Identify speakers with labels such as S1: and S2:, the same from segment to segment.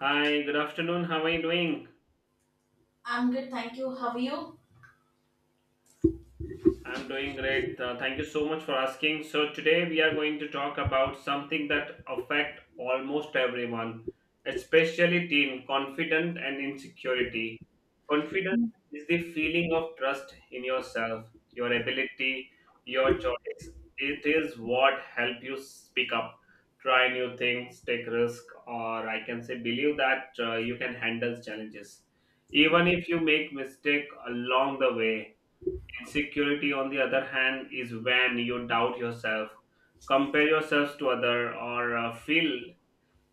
S1: Hi, good afternoon. How are you doing?
S2: I'm good, thank you. How are you?
S1: I'm doing great. Thank you so much for asking. So today we are going to talk about something that affect almost everyone, especially teen confidence and insecurity. Confidence is the feeling of trust in yourself, your ability, your choice. It is what help you speak up, try new things, take risk, or I can say believe that you can handle challenges, even
S2: Yeah.
S1: if you make mistake along the way. Insecurity, on the other hand, is when you doubt yourself, compare yourself to other, or feel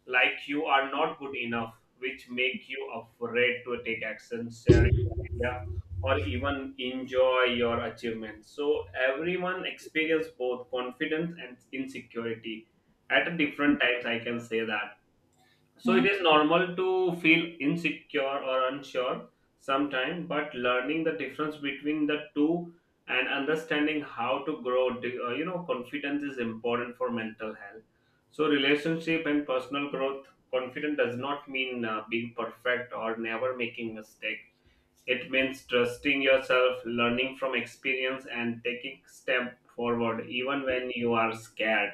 S1: like you are not good enough, which make you afraid to take action, share your idea, or even enjoy your achievements. So everyone experience both confidence and insecurity at different times. I can say that, so it
S2: Yeah.
S1: is normal to feel insecure or unsure sometimes, but learning the difference between the two and understanding how to grow, you know, confidence is important for mental health. So relationship and personal growth, confident does not mean being perfect or never making mistake. It means trusting yourself, learning from experience, and taking step forward even when you are scared.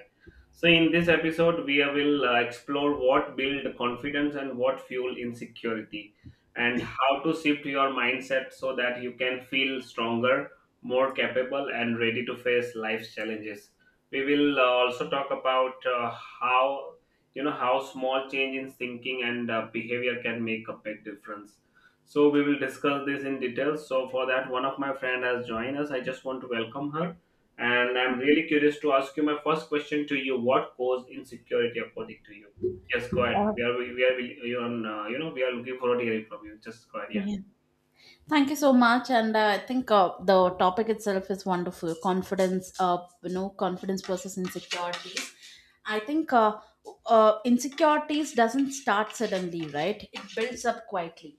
S1: So, in this episode, we will explore what build confidence and what fuel insecurity, and how to shift your mindset so that you can feel stronger, more capable, and ready to face life's challenges. We will also talk about how, you know, how small change in thinking and behavior can make a big difference, so we will discuss this in detail. So for that, one of my friend has joined us. I just want to welcome her, and I'm really curious to ask you my first question to you: what caused insecurity according to you? Yes, go ahead.
S2: Uh,
S1: We are you on you know, we are looking forward to hearing from you. Just go ahead. Yeah.
S2: yeah. Thank you so much. And I think the topic itself is wonderful. Confidence versus insecurities. I think insecurities doesn't start suddenly, right? It builds up quietly.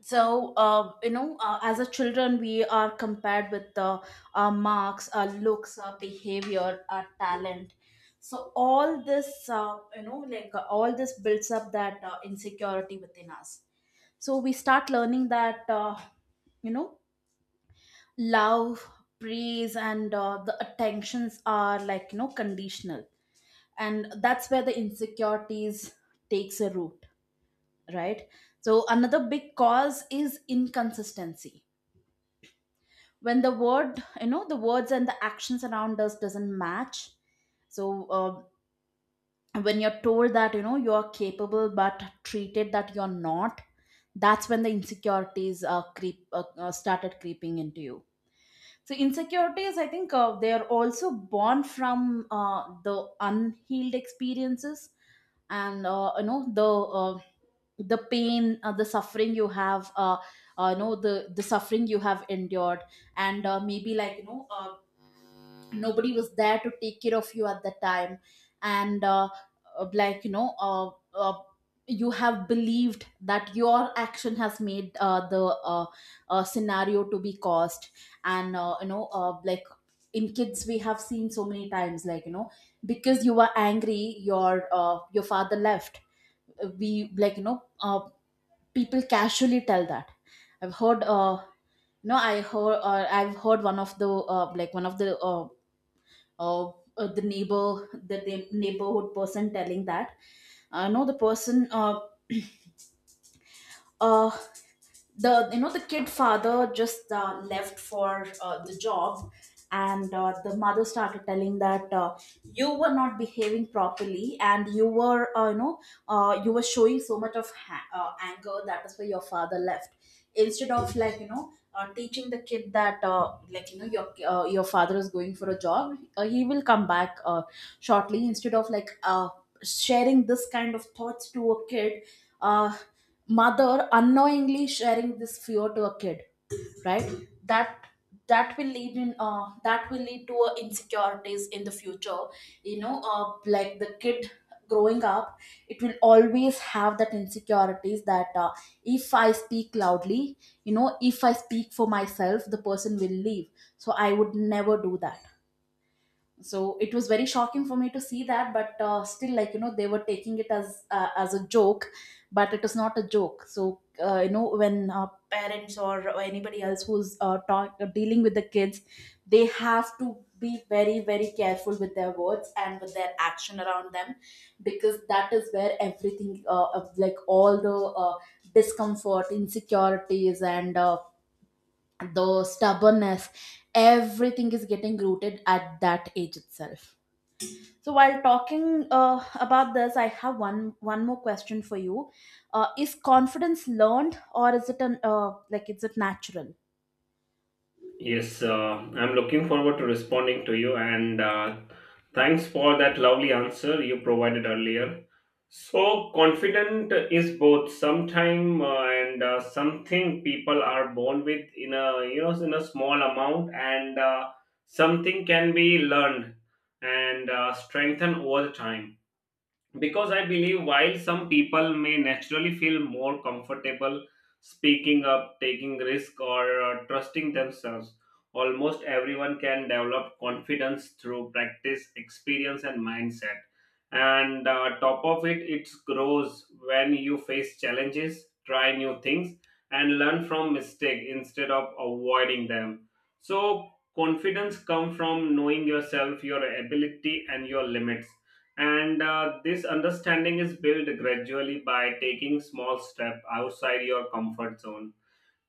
S2: So as a children we are compared with our marks, our looks, our behavior, our talent. So all this, all this builds up that insecurity within us. So we start learning that, you know love, praise, and the attentions are like, conditional, and that's where the insecurities takes a root, right? So another big cause is inconsistency, when the words and the actions around us doesn't match. So when you're told that, you're capable but treated that you're not, that's when the insecurities creep started creeping into you. So insecurities, I think they're also born from the unhealed experiences, and the pain, the suffering you have, you know the suffering you have endured. And maybe like, nobody was there to take care of you at the time. And like, you have believed that your action has made the scenario to be caused. And like, in kids we have seen so many times, because you were angry, your your father left. We like you know uh, people casually tell that. I've heard No, I've heard one of the, like one of the neighbor the neigh- neighborhood person telling that. I know the person. Uh the you know The kid father just left for the job. And the mother started telling that, you were not behaving properly, and you were showing so much of anger, that is why your father left. Instead of, like, teaching the kid that, like, your your father is going for a job, he will come back shortly. Instead of, like, sharing this kind of thoughts to a kid, uh, mother unknowingly sharing this fear to a kid, right? That, that will lead in that will lead to insecurities in the future. Like the kid growing up, it will always have that insecurities that, if I speak loudly, if I speak for myself, the person will leave. So I would never do that. So it was very shocking for me to see that, but still, like, they were taking it as a joke. But it was not a joke. So when, parents or anybody else who's, dealing with the kids, they have to be very, very careful with their words and with their action around them. Because that is where everything, like all the, uh, discomfort, insecurities, and the stubbornness, everything is getting rooted at that age itself. So while talking about this, I have one more question for you. Is confidence learned, or is it natural?
S1: Yes, I'm looking forward to responding to you, and thanks for that lovely answer you provided earlier. So, confident is both sometime and something people are born with in a, you know, in a small amount, and something can be learned and strengthened over the time, because I believe while some people may naturally feel more comfortable speaking up, taking risk, or trusting themselves, almost everyone can develop confidence through practice, experience, and mindset. And top of it, it grows when you face challenges, try new things, and learn from mistake instead of avoiding them. So confidence comes from knowing yourself, your ability, and your limits, and this understanding is built gradually by taking small step outside your comfort zone.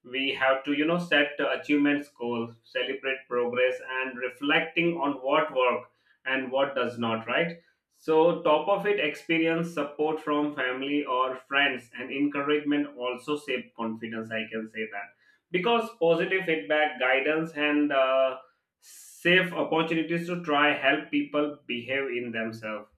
S1: We have to, you know, set achievements goals, celebrate progress, and reflecting on what work and what does not, right? So top of it, experience, support from family or friends, and encouragement also save confidence, I can say that. Because positive feedback, guidance, and safe opportunities to try help people behave in themselves.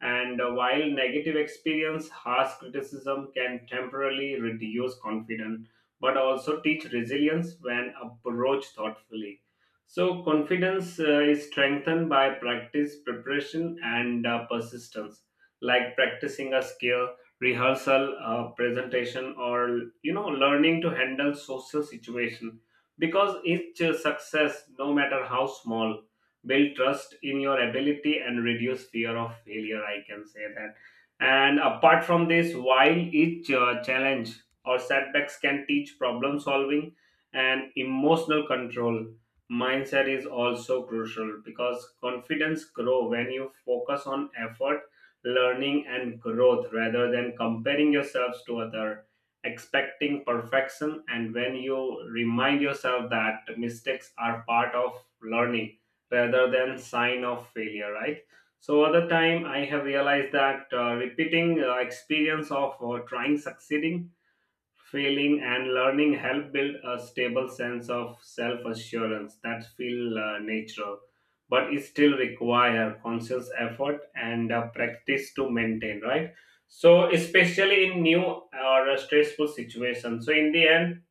S1: And while negative experience, harsh criticism can temporarily reduce confidence, but also teach resilience when approached thoughtfully. So, confidence is strengthened by practice, preparation, and persistence, like practicing a skill, rehearsal, presentation, or, you know, learning to handle social situation. Because each success, no matter how small, build trust in your ability and reduce fear of failure. I can say that. And apart from this, while each challenge or setbacks can teach problem solving and emotional control. Mindset is also crucial because confidence grow when you focus on effort, learning, and growth rather than comparing yourselves to other, expecting perfection, and when you remind yourself that mistakes are part of learning rather than sign of failure, right? So other time I have realized that repeating experience of trying, succeeding, failing, and learning help build a stable sense of self assurance that feel natural, but it still require conscious effort and practice to maintain. Right. So especially in new or stressful situations. So in the end,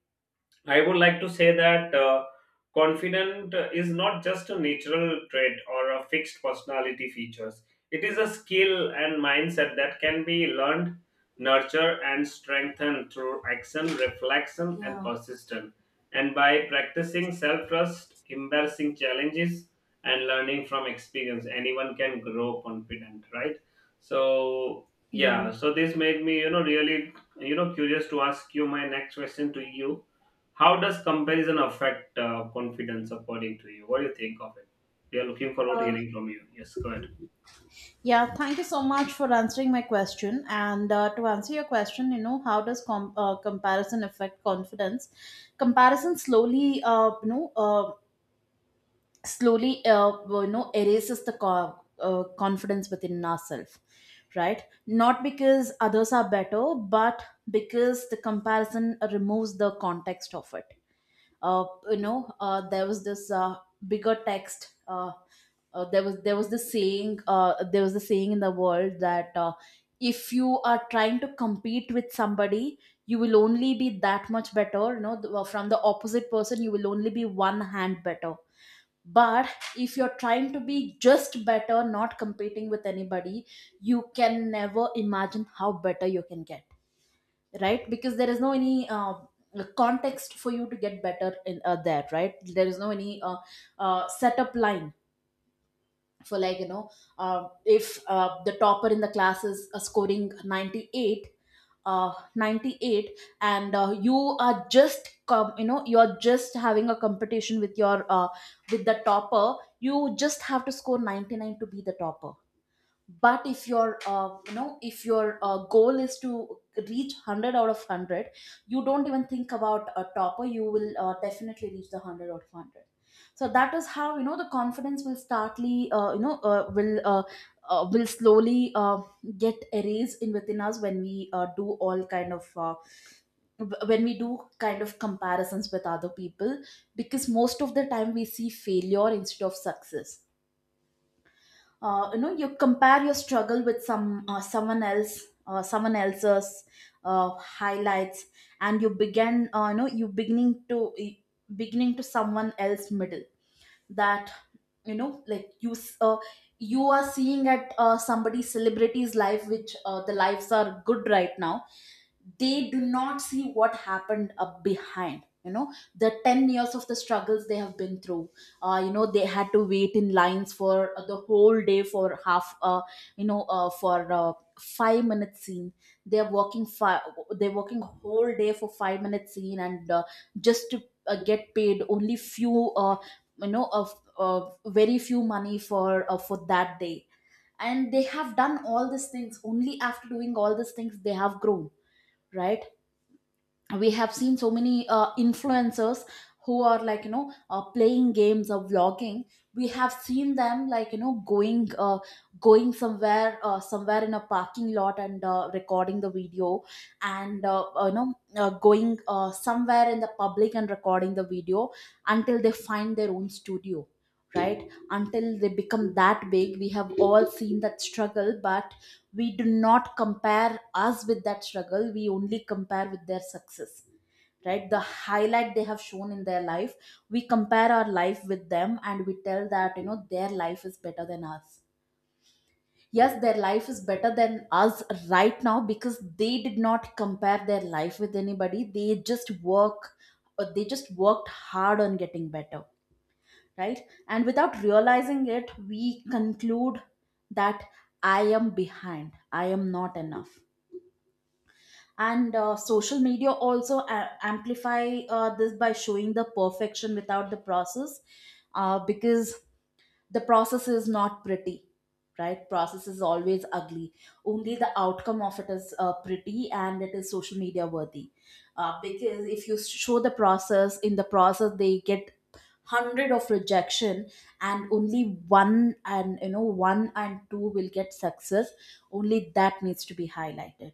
S1: I would like to say that confident is not just a natural trait or a fixed personality features. It is a skill and mindset that can be learned, nurtured, and strengthened through action, reflection, and
S2: Yeah.
S1: persistence. And by practicing self trust, embarrassing challenges, and learning from experience, anyone can grow confident, right? So,
S2: Yeah.
S1: yeah, so this made me, you know, really, you know, curious to ask you my next question to you: how does comparison affect confidence according to you? What do you think of it? We are looking forward to
S2: Uh,
S1: hearing from you. Yes, go ahead.
S2: yeah, thank you so much for answering my question. And to answer your question, how does comparison affect confidence? Comparison slowly, erases the confidence within ourselves, right? Not because others are better, but because the comparison removes the context of it. uh, there was this, bigger text, there was, this saying, the saying in the world that, if you are trying to compete with somebody, you will only be that much better, from the opposite person. You will only be one hand better. But if you're trying to be just better, not competing with anybody, you can never imagine how better you can get, right? Because there is no any context for you to get better in there. Right, there is no any setup line for, like, if the topper in the class is scoring 98, 98, and you are just com- you know you're just having a competition with your with the topper, you just have to score 99 to be the topper. But if your you know if your goal is to reach 100 out of 100, you don't even think about a topper. You will definitely reach the 100 out of 100. So that is how, the confidence will startly you know will slowly get erased in within us, when we do all kind of, when we do kind of comparisons with other people. Because most of the time we see failure instead of success. You compare your struggle with someone else, someone else's highlights. And you, begin you know you beginning to, someone else middle. That, like, you are seeing at somebody celebrity's life, which, the lives are good right now. They do not see what happened up behind, the 10 years of the struggles they have been through. They had to wait in lines for the whole day, for half, you know for 5-minute scene. they're working five they're working whole day for 5-minute scene, and just to get paid only few, you know of very few money for, for that day. And they have done all these things. Only after doing all these things they have grown, right? We have seen so many influencers, who are like, playing games or vlogging. We have seen them like, going somewhere, somewhere in a parking lot, and recording the video. And going somewhere in the public and recording the video, until they find their own studio. Right, until they become that big, we have all seen that struggle. But we do not compare us with that struggle, we only compare with their success. Right, the highlight they have shown in their life, we compare our life with them, and we tell that, their life is better than us. Yes, their life is better than us right now, because they did not compare their life with anybody. They just work they just worked hard on getting better, right? And without realizing it, we conclude that I am behind, I am not enough. And social media also amplify this by showing the perfection without the process. Because the process is not pretty, right? Process is always ugly. Only the outcome of it is pretty, and it is social media worthy. Because if you show the process, in the process they get hundred of rejection, and only one and, one and two will get success. Only that needs to be highlighted.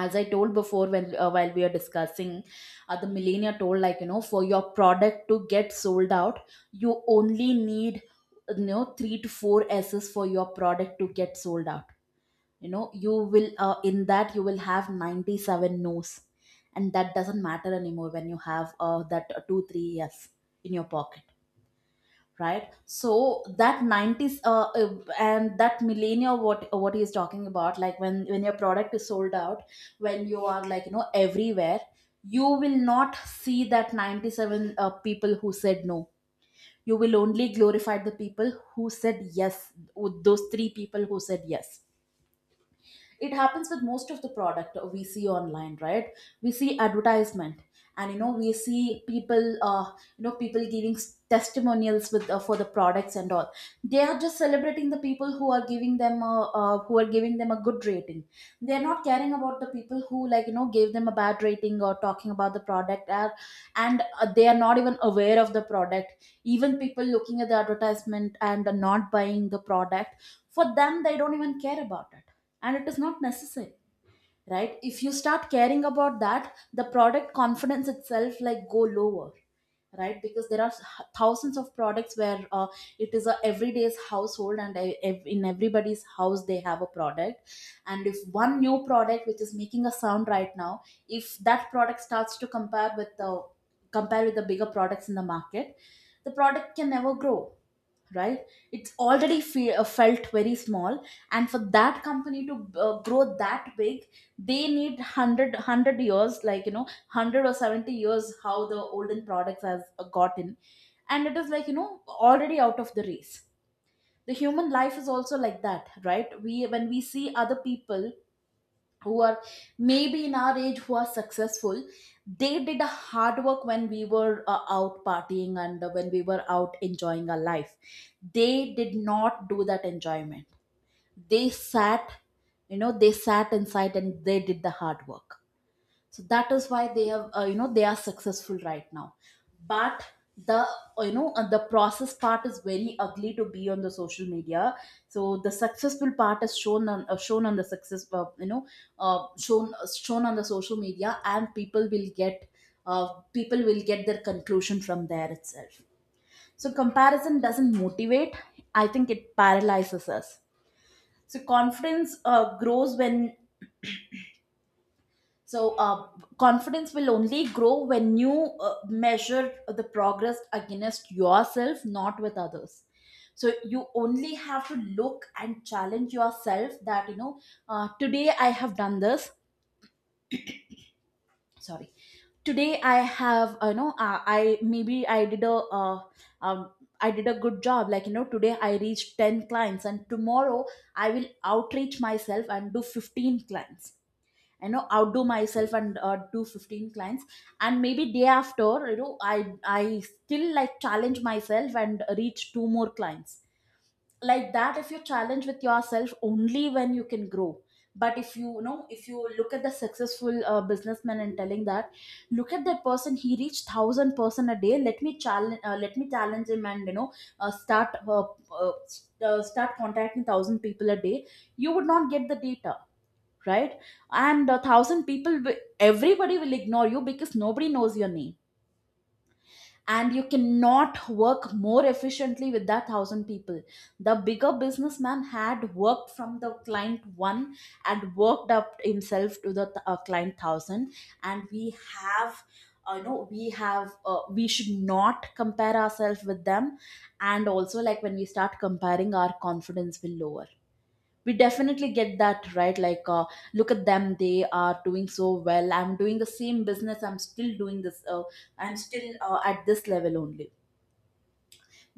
S2: As I told before, when while we are discussing, the millionaire told, like, for your product to get sold out, you only need, 3 to four S's for your product to get sold out. You will in that you will have 97 no's, and that doesn't matter anymore when you have, that 2 3 yes in your pocket. Right, so that 90s and that millennial, what he is talking about, like, when your product is sold out, when you are like, everywhere, you will not see that 97 people who said no. You will only glorify the people who said yes, with those three people who said yes. It happens with most of the product we see online, right? We see advertisement, and, we see people you know people giving testimonials with, for the products and all. They are just celebrating the people who are who are giving them a good rating. They're not caring about the people who, like, gave them a bad rating, or talking about the product, or, and they are not even aware of the product. Even people looking at the advertisement and not buying the product, for them, they don't even care about it. And it is not necessary, right? If you start caring about that, the product confidence itself like go lower. Right, because there are thousands of products where it is a everyday's household and in everybody's house they have a product. And if one new product which is making a sound right now, if that product starts to compare with the bigger products in the market, the product can never grow, right? It's already felt very small, and for that company to grow that big, they need 100 years, like you know, 100 or 70 years how the olden products has gotten, and it is like you know already out of the race. The human life is also like that, right? We when we see other people who are maybe in our age, who are successful, they did a hard work when we were out partying and when we were out enjoying our life. They did not do that enjoyment. They sat, you know, they sat inside and they did the hard work. So that is why they have you know, they are successful right now. But the you know the process part is very ugly to be on the social media. So the successful part is shown on shown on the success you know shown shown on the social media, and people will get their conclusion from there itself. So comparison doesn't motivate, I think it paralyzes us. So confidence grows when So, uh, confidence will only grow when you measure the progress against yourself, not with others. So, you only have to look and challenge yourself that, you know, today I have done this. Sorry. Today I have, you know, I maybe um, I did a good job. Like, you know, today I reached 10 clients and tomorrow I will outreach myself and do 15 clients, you know, outdo myself and do 15 clients. And maybe day after, you know, I still like challenge myself and reach two more clients. Like that, if you challenge with yourself, only when you can grow. But if you, you know, if you look at the successful businessman and telling that, look at that person, he reached 1000 person a day, let me challenge him, and you know, start start contacting 1000 people a day, you would not get the data, right? And a thousand people everybody will ignore you because nobody knows your name, and you cannot work more efficiently with that thousand people. The bigger businessman had worked from the client one and worked up himself to the client thousand. And we have you know, we should not compare ourselves with them. And also, like, when we start comparing, our confidence will lower. We definitely get that, right? Like look at them, they are doing so well, I'm doing the same business, I'm still doing this, I'm still at this level only.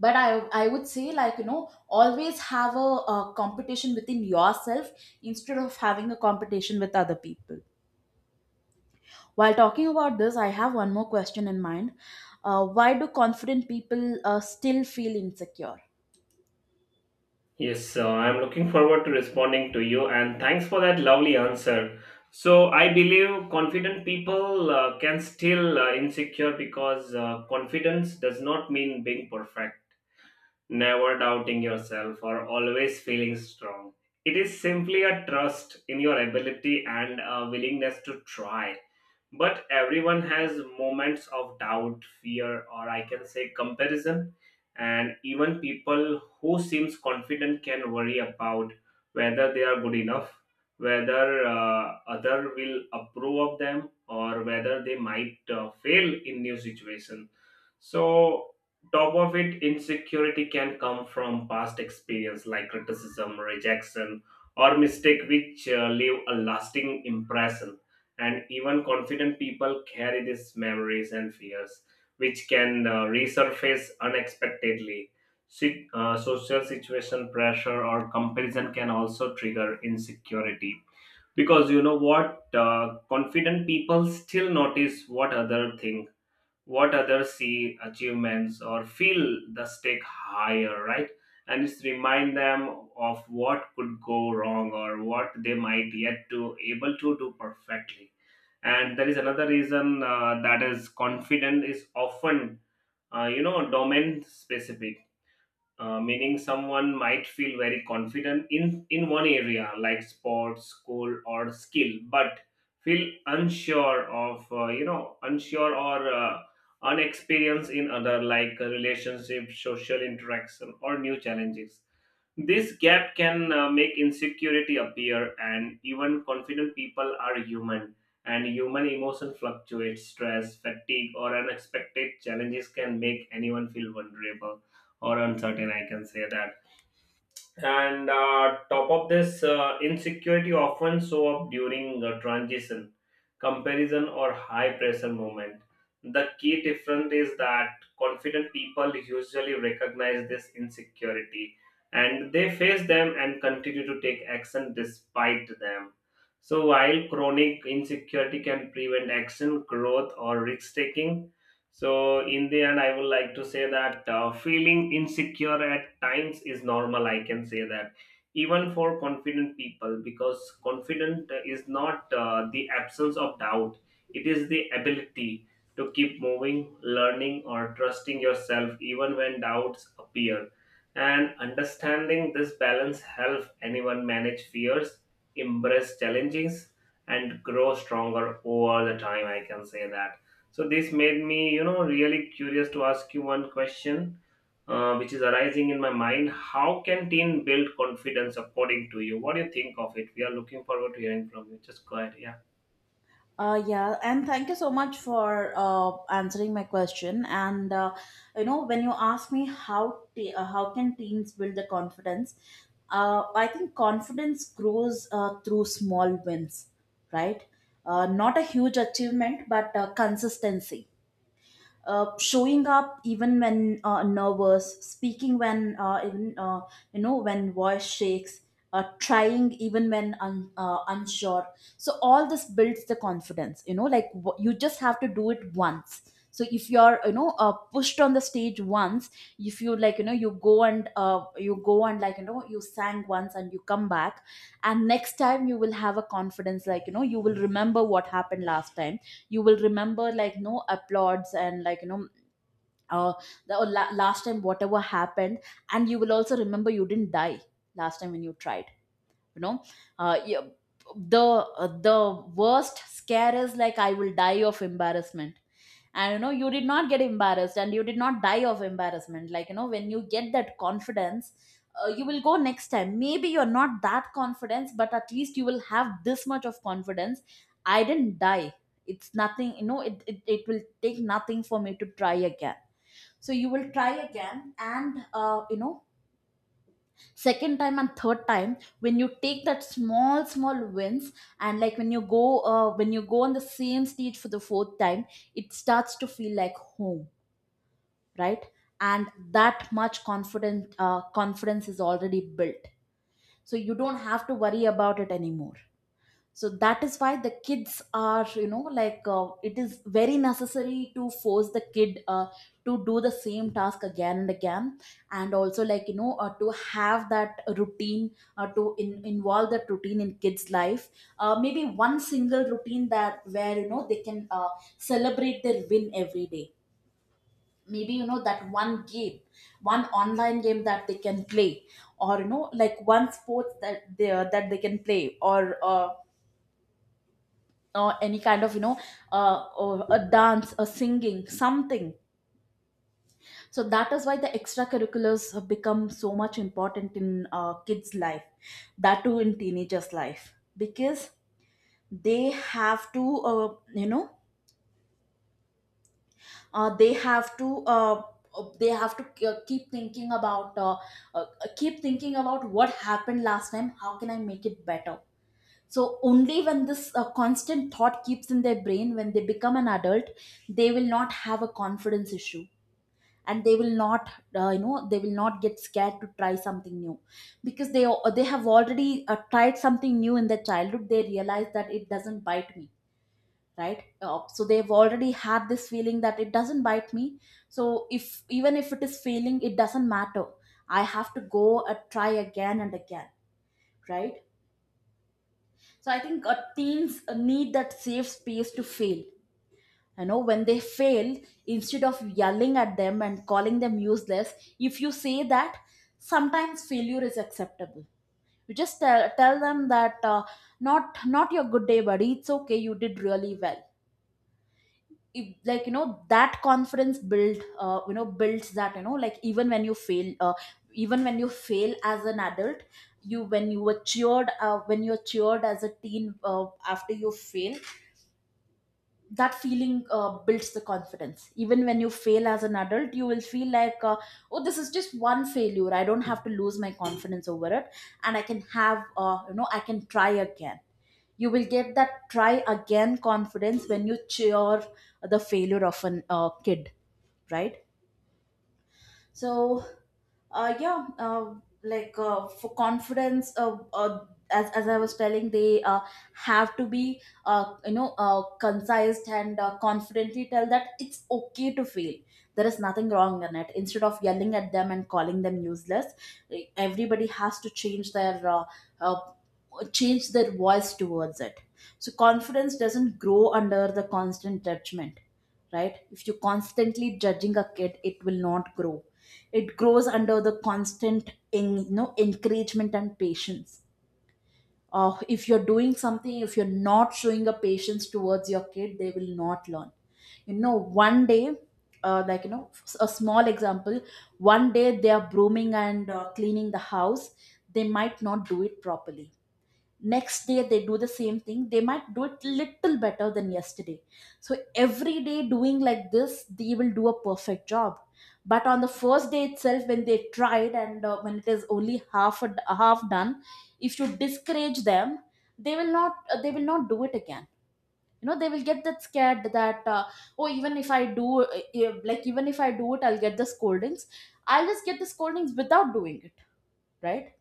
S2: But I would say, like, you know, always have a competition within yourself instead of having a competition with other people. While talking about this, I have one more question in mind. Why do confident people still feel insecure?
S1: Yes, I'm looking forward to responding to you, and thanks for that lovely answer. So, I believe confident people can still insecure, because confidence does not mean being perfect, never doubting yourself or always feeling strong. It is simply a trust in your ability and a willingness to try. But everyone has moments of doubt, fear, or I can say comparison. And even people who seems confident can worry about whether they are good enough, whether other will approve of them, or whether they might fail in new situation. So top of it, insecurity can come from past experience like criticism, rejection, or mistake which leave a lasting impression. And even confident people carry these memories and fears, which can resurface unexpectedly. Social situation, pressure, or comparison can also trigger insecurity, because you know what, confident people still notice what other think, what others see achievements, or feel the stake higher, right? And it's remind them of what could go wrong or what they might yet to able to do perfectly. And there is another reason, that is confident is often you know, domain specific, meaning someone might feel very confident in one area like sports, school, or skill, but feel unsure of, you know, unsure or unexperienced in other, like relationship, social interaction, or new challenges. This gap can make insecurity appear, and even confident people are human, and human emotion fluctuates. Stress, fatigue, or unexpected challenges can make anyone feel vulnerable or uncertain. I can say that. And top of this, insecurity often show up during a transition, comparison, or high pressure moment. The key difference is that confident people usually recognize this insecurity, and they face them and continue to take action despite them. So while chronic insecurity can prevent action, growth, or risk taking. So, in the end, I would like to say that feeling insecure at times is normal. I can say that, even for confident people, because confident is not the absence of doubt, it is the ability to keep moving, learning, or trusting yourself even when doubts appear. And understanding this balance helps anyone manage fears, embrace challenges, and grow stronger over the time. I can say that. So this made me, you know, really curious to ask you one question, which is arising in my mind. How can teen build confidence according to you? What do you think of it? We are looking forward to hearing from you. Just go ahead. Yeah.
S2: Yeah, and thank you so much for answering my question. And you know, when you ask me how how can teens build the confidence, I think confidence grows through small wins, right? Not a huge achievement, but consistency, showing up even when nervous, speaking when even you know, when voice shakes, trying even when unsure. So all this builds the confidence. You know, like you just have to do it once. So if you're, you know, pushed on the stage once, if you, like, you know, you go and, like, you know, you sang once and you come back, and next time you will have a confidence, like, you know, you will remember what happened last time, you will remember like no applauds, and like you know, uh, the last time whatever happened, and you will also remember you didn't die last time when you tried, you know, uh, you, the worst scare is like, I will die of embarrassment, and you know, you did not get embarrassed and you did not die of embarrassment, like you know, when you get that confidence, you will go next time, maybe you're not that confidence, but at least you will have this much of confidence. I didn't die. It's nothing, you know, it will take nothing for me to try again. So you will try again, and you know, second time and third time, when you take that small small wins, and like when you go on the same stage for the fourth time, it starts to feel like home, right? And that much confident confidence is already built, so you don't have to worry about it anymore. So that is why the kids are, you know, like it is very necessary to force the kid to do the same task again and again. And also like you know, to have that routine, involve that routine in kids life. Uh, maybe one single routine that where you know they can celebrate their win every day. Maybe you know, that one game, one online game that they can play, or you know, like one sport that they can play, or any kind of you know, or a dance, a singing, something. So that is why the extracurriculars have become so much important in kids life, that too in teenagers life, because they have to you know, uh, they have to uh, they have to uh, keep thinking about what happened last time, how can I make it better. So only when this constant thought keeps in their brain, when they become an adult, they will not have a confidence issue. And they will not you know, they will not get scared to try something new, because they they have already tried something new in their childhood, they realize that it doesn't bite me, right? So they've already had this feeling that it doesn't bite me. So if even if it is failing, it doesn't matter, I have to go and try again and again, right? So I think teens need that safe space to fail. You know, when they fail, instead of yelling at them and calling them useless, if you say that sometimes failure is acceptable, you just tell them that not, not your good day buddy, it's okay, you did really well. If, like you know, that confidence builds that, you know, like even when you fail, even when you fail as an adult, you when you were cheered when you're cheered as a teen after you fail, that feeling builds the confidence. Even when you fail as an adult, you will feel like, oh, this is just one failure, I don't have to lose my confidence over it, and I can have, you know, I can try again. You will get that try again confidence when you cheer the failure of an kid, right? So yeah, for confidence, as I was telling, they have to be you know, concise and confidently tell that it's okay to fail, there is nothing wrong in it, instead of yelling at them and calling them useless. Like, everybody has to uh, change their voice towards it. So confidence doesn't grow under the constant judgment, right? If you constantly judging a kid, it will not grow. It grows under the constant you know, encouragement and patience. Uh, if you're doing something, if you're not showing a patience towards your kid, they will not learn, you know. One day, like you know, a small example, one day they are brooming and cleaning the house, they might not do it properly. Next day they do the same thing, they might do it little better than yesterday. So every day doing like this, they will do a perfect job. But on the first day itself, when they tried and when it is only half done, if you discourage them, they will not do it again. You know, they will get that scared that, oh, even if I do like, even if I do it, I'll get the scoldings, I'll just get the scoldings without doing it, right?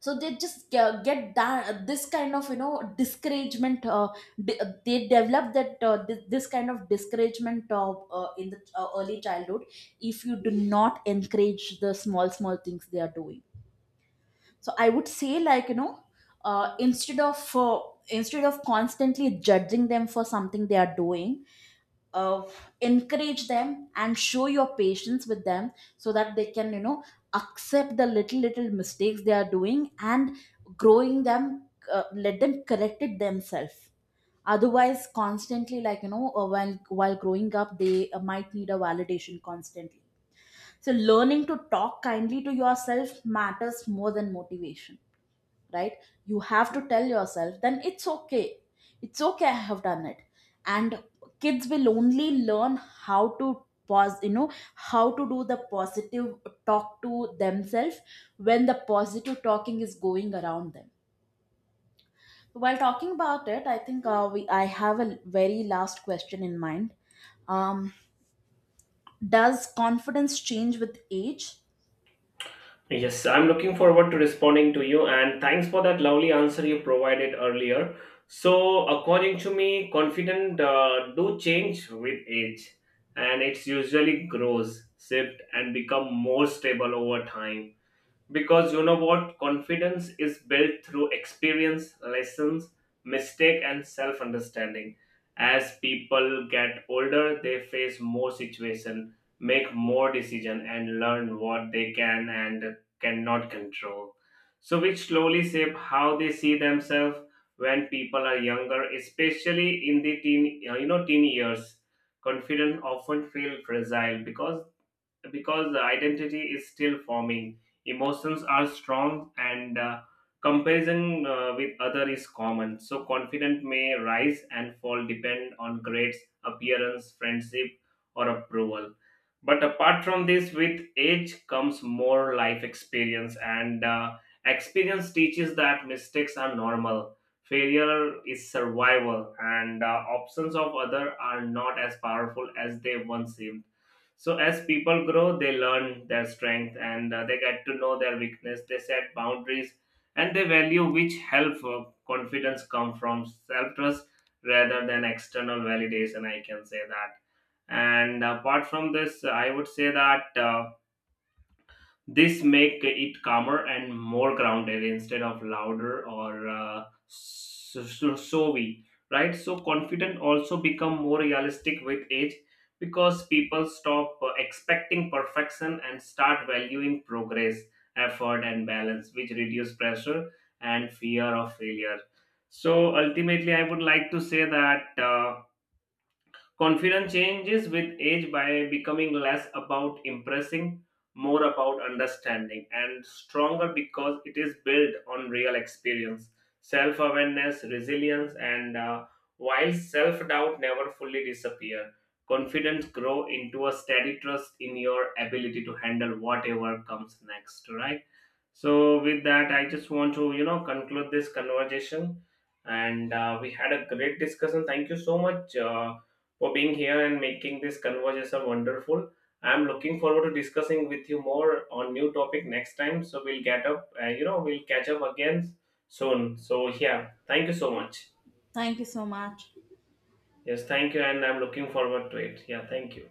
S2: So they just get that this kind of, you know, discouragement uh, d- they develop that this kind of discouragement, in the early childhood, if you do not encourage the small small things they are doing. So I would say, like you know, uh, instead of uh, instead of constantly judging them for something they are doing, uh, encourage them and show your patience with them, so that they can, you know, accept the little little mistakes they are doing and growing them. Uh, let them correct it themselves. Otherwise constantly, like you know, while growing up, they might need a validation constantly. So learning to talk kindly to yourself matters more than motivation, right? You have to tell yourself then it's okay, it's okay I have done it. And kids will only learn how to pause, you know, how to do the positive talk to themselves, when the positive talking is going around them. While talking about it, I think we I have a very last question in mind. Um, does confidence change with age?
S1: Yes, I'm looking forward to responding to you, and thanks for that lovely answer you provided earlier. So, according to me, confidence do change with age, and it's usually grows, shift, and become more stable over time, because you know what, confidence is built through experience, lessons, mistake, and self understanding. As people get older, they face more situation, make more decision, and learn what they can and cannot control, so which slowly shape how they see themselves. When people are younger, especially in the teen, you know, teen years, confidence often feel fragile, because the identity is still forming, emotions are strong, and comparison with other is common. So confidence may rise and fall depend on grades, appearance, friendship, or approval. But apart from this, with age comes more life experience, and experience teaches that mistakes are normal, failure is survival, and options of other are not as powerful as they once seemed. So as people grow, they learn their strength and they get to know their weakness. They set boundaries and they value, which help confidence come from self trust rather than external validation. I can say that. And apart from this, I would say that. This make it calmer and more grounded instead of louder or showy, right? So confident also become more realistic with age, because people stop expecting perfection and start valuing progress, effort, and balance, which reduce pressure and fear of failure. So ultimately, I would like to say that. Confidence changes with age by becoming less about impressing, more about understanding, and stronger because it is built on real experience, self awareness, resilience, and while self doubt never fully disappear, confidence grow into a steady trust in your ability to handle whatever comes next, right? So, with that, I just want to, you know, conclude this conversation. And we had a great discussion. Thank you so much. For being here and making this conversation wonderful. I'm looking forward to discussing with you more on new topic next time. So we'll get up, you know, we'll catch up again soon. So yeah, thank you so much.
S2: Thank you so much.
S1: Yes, thank you, and I'm looking forward to it. Yeah, thank you.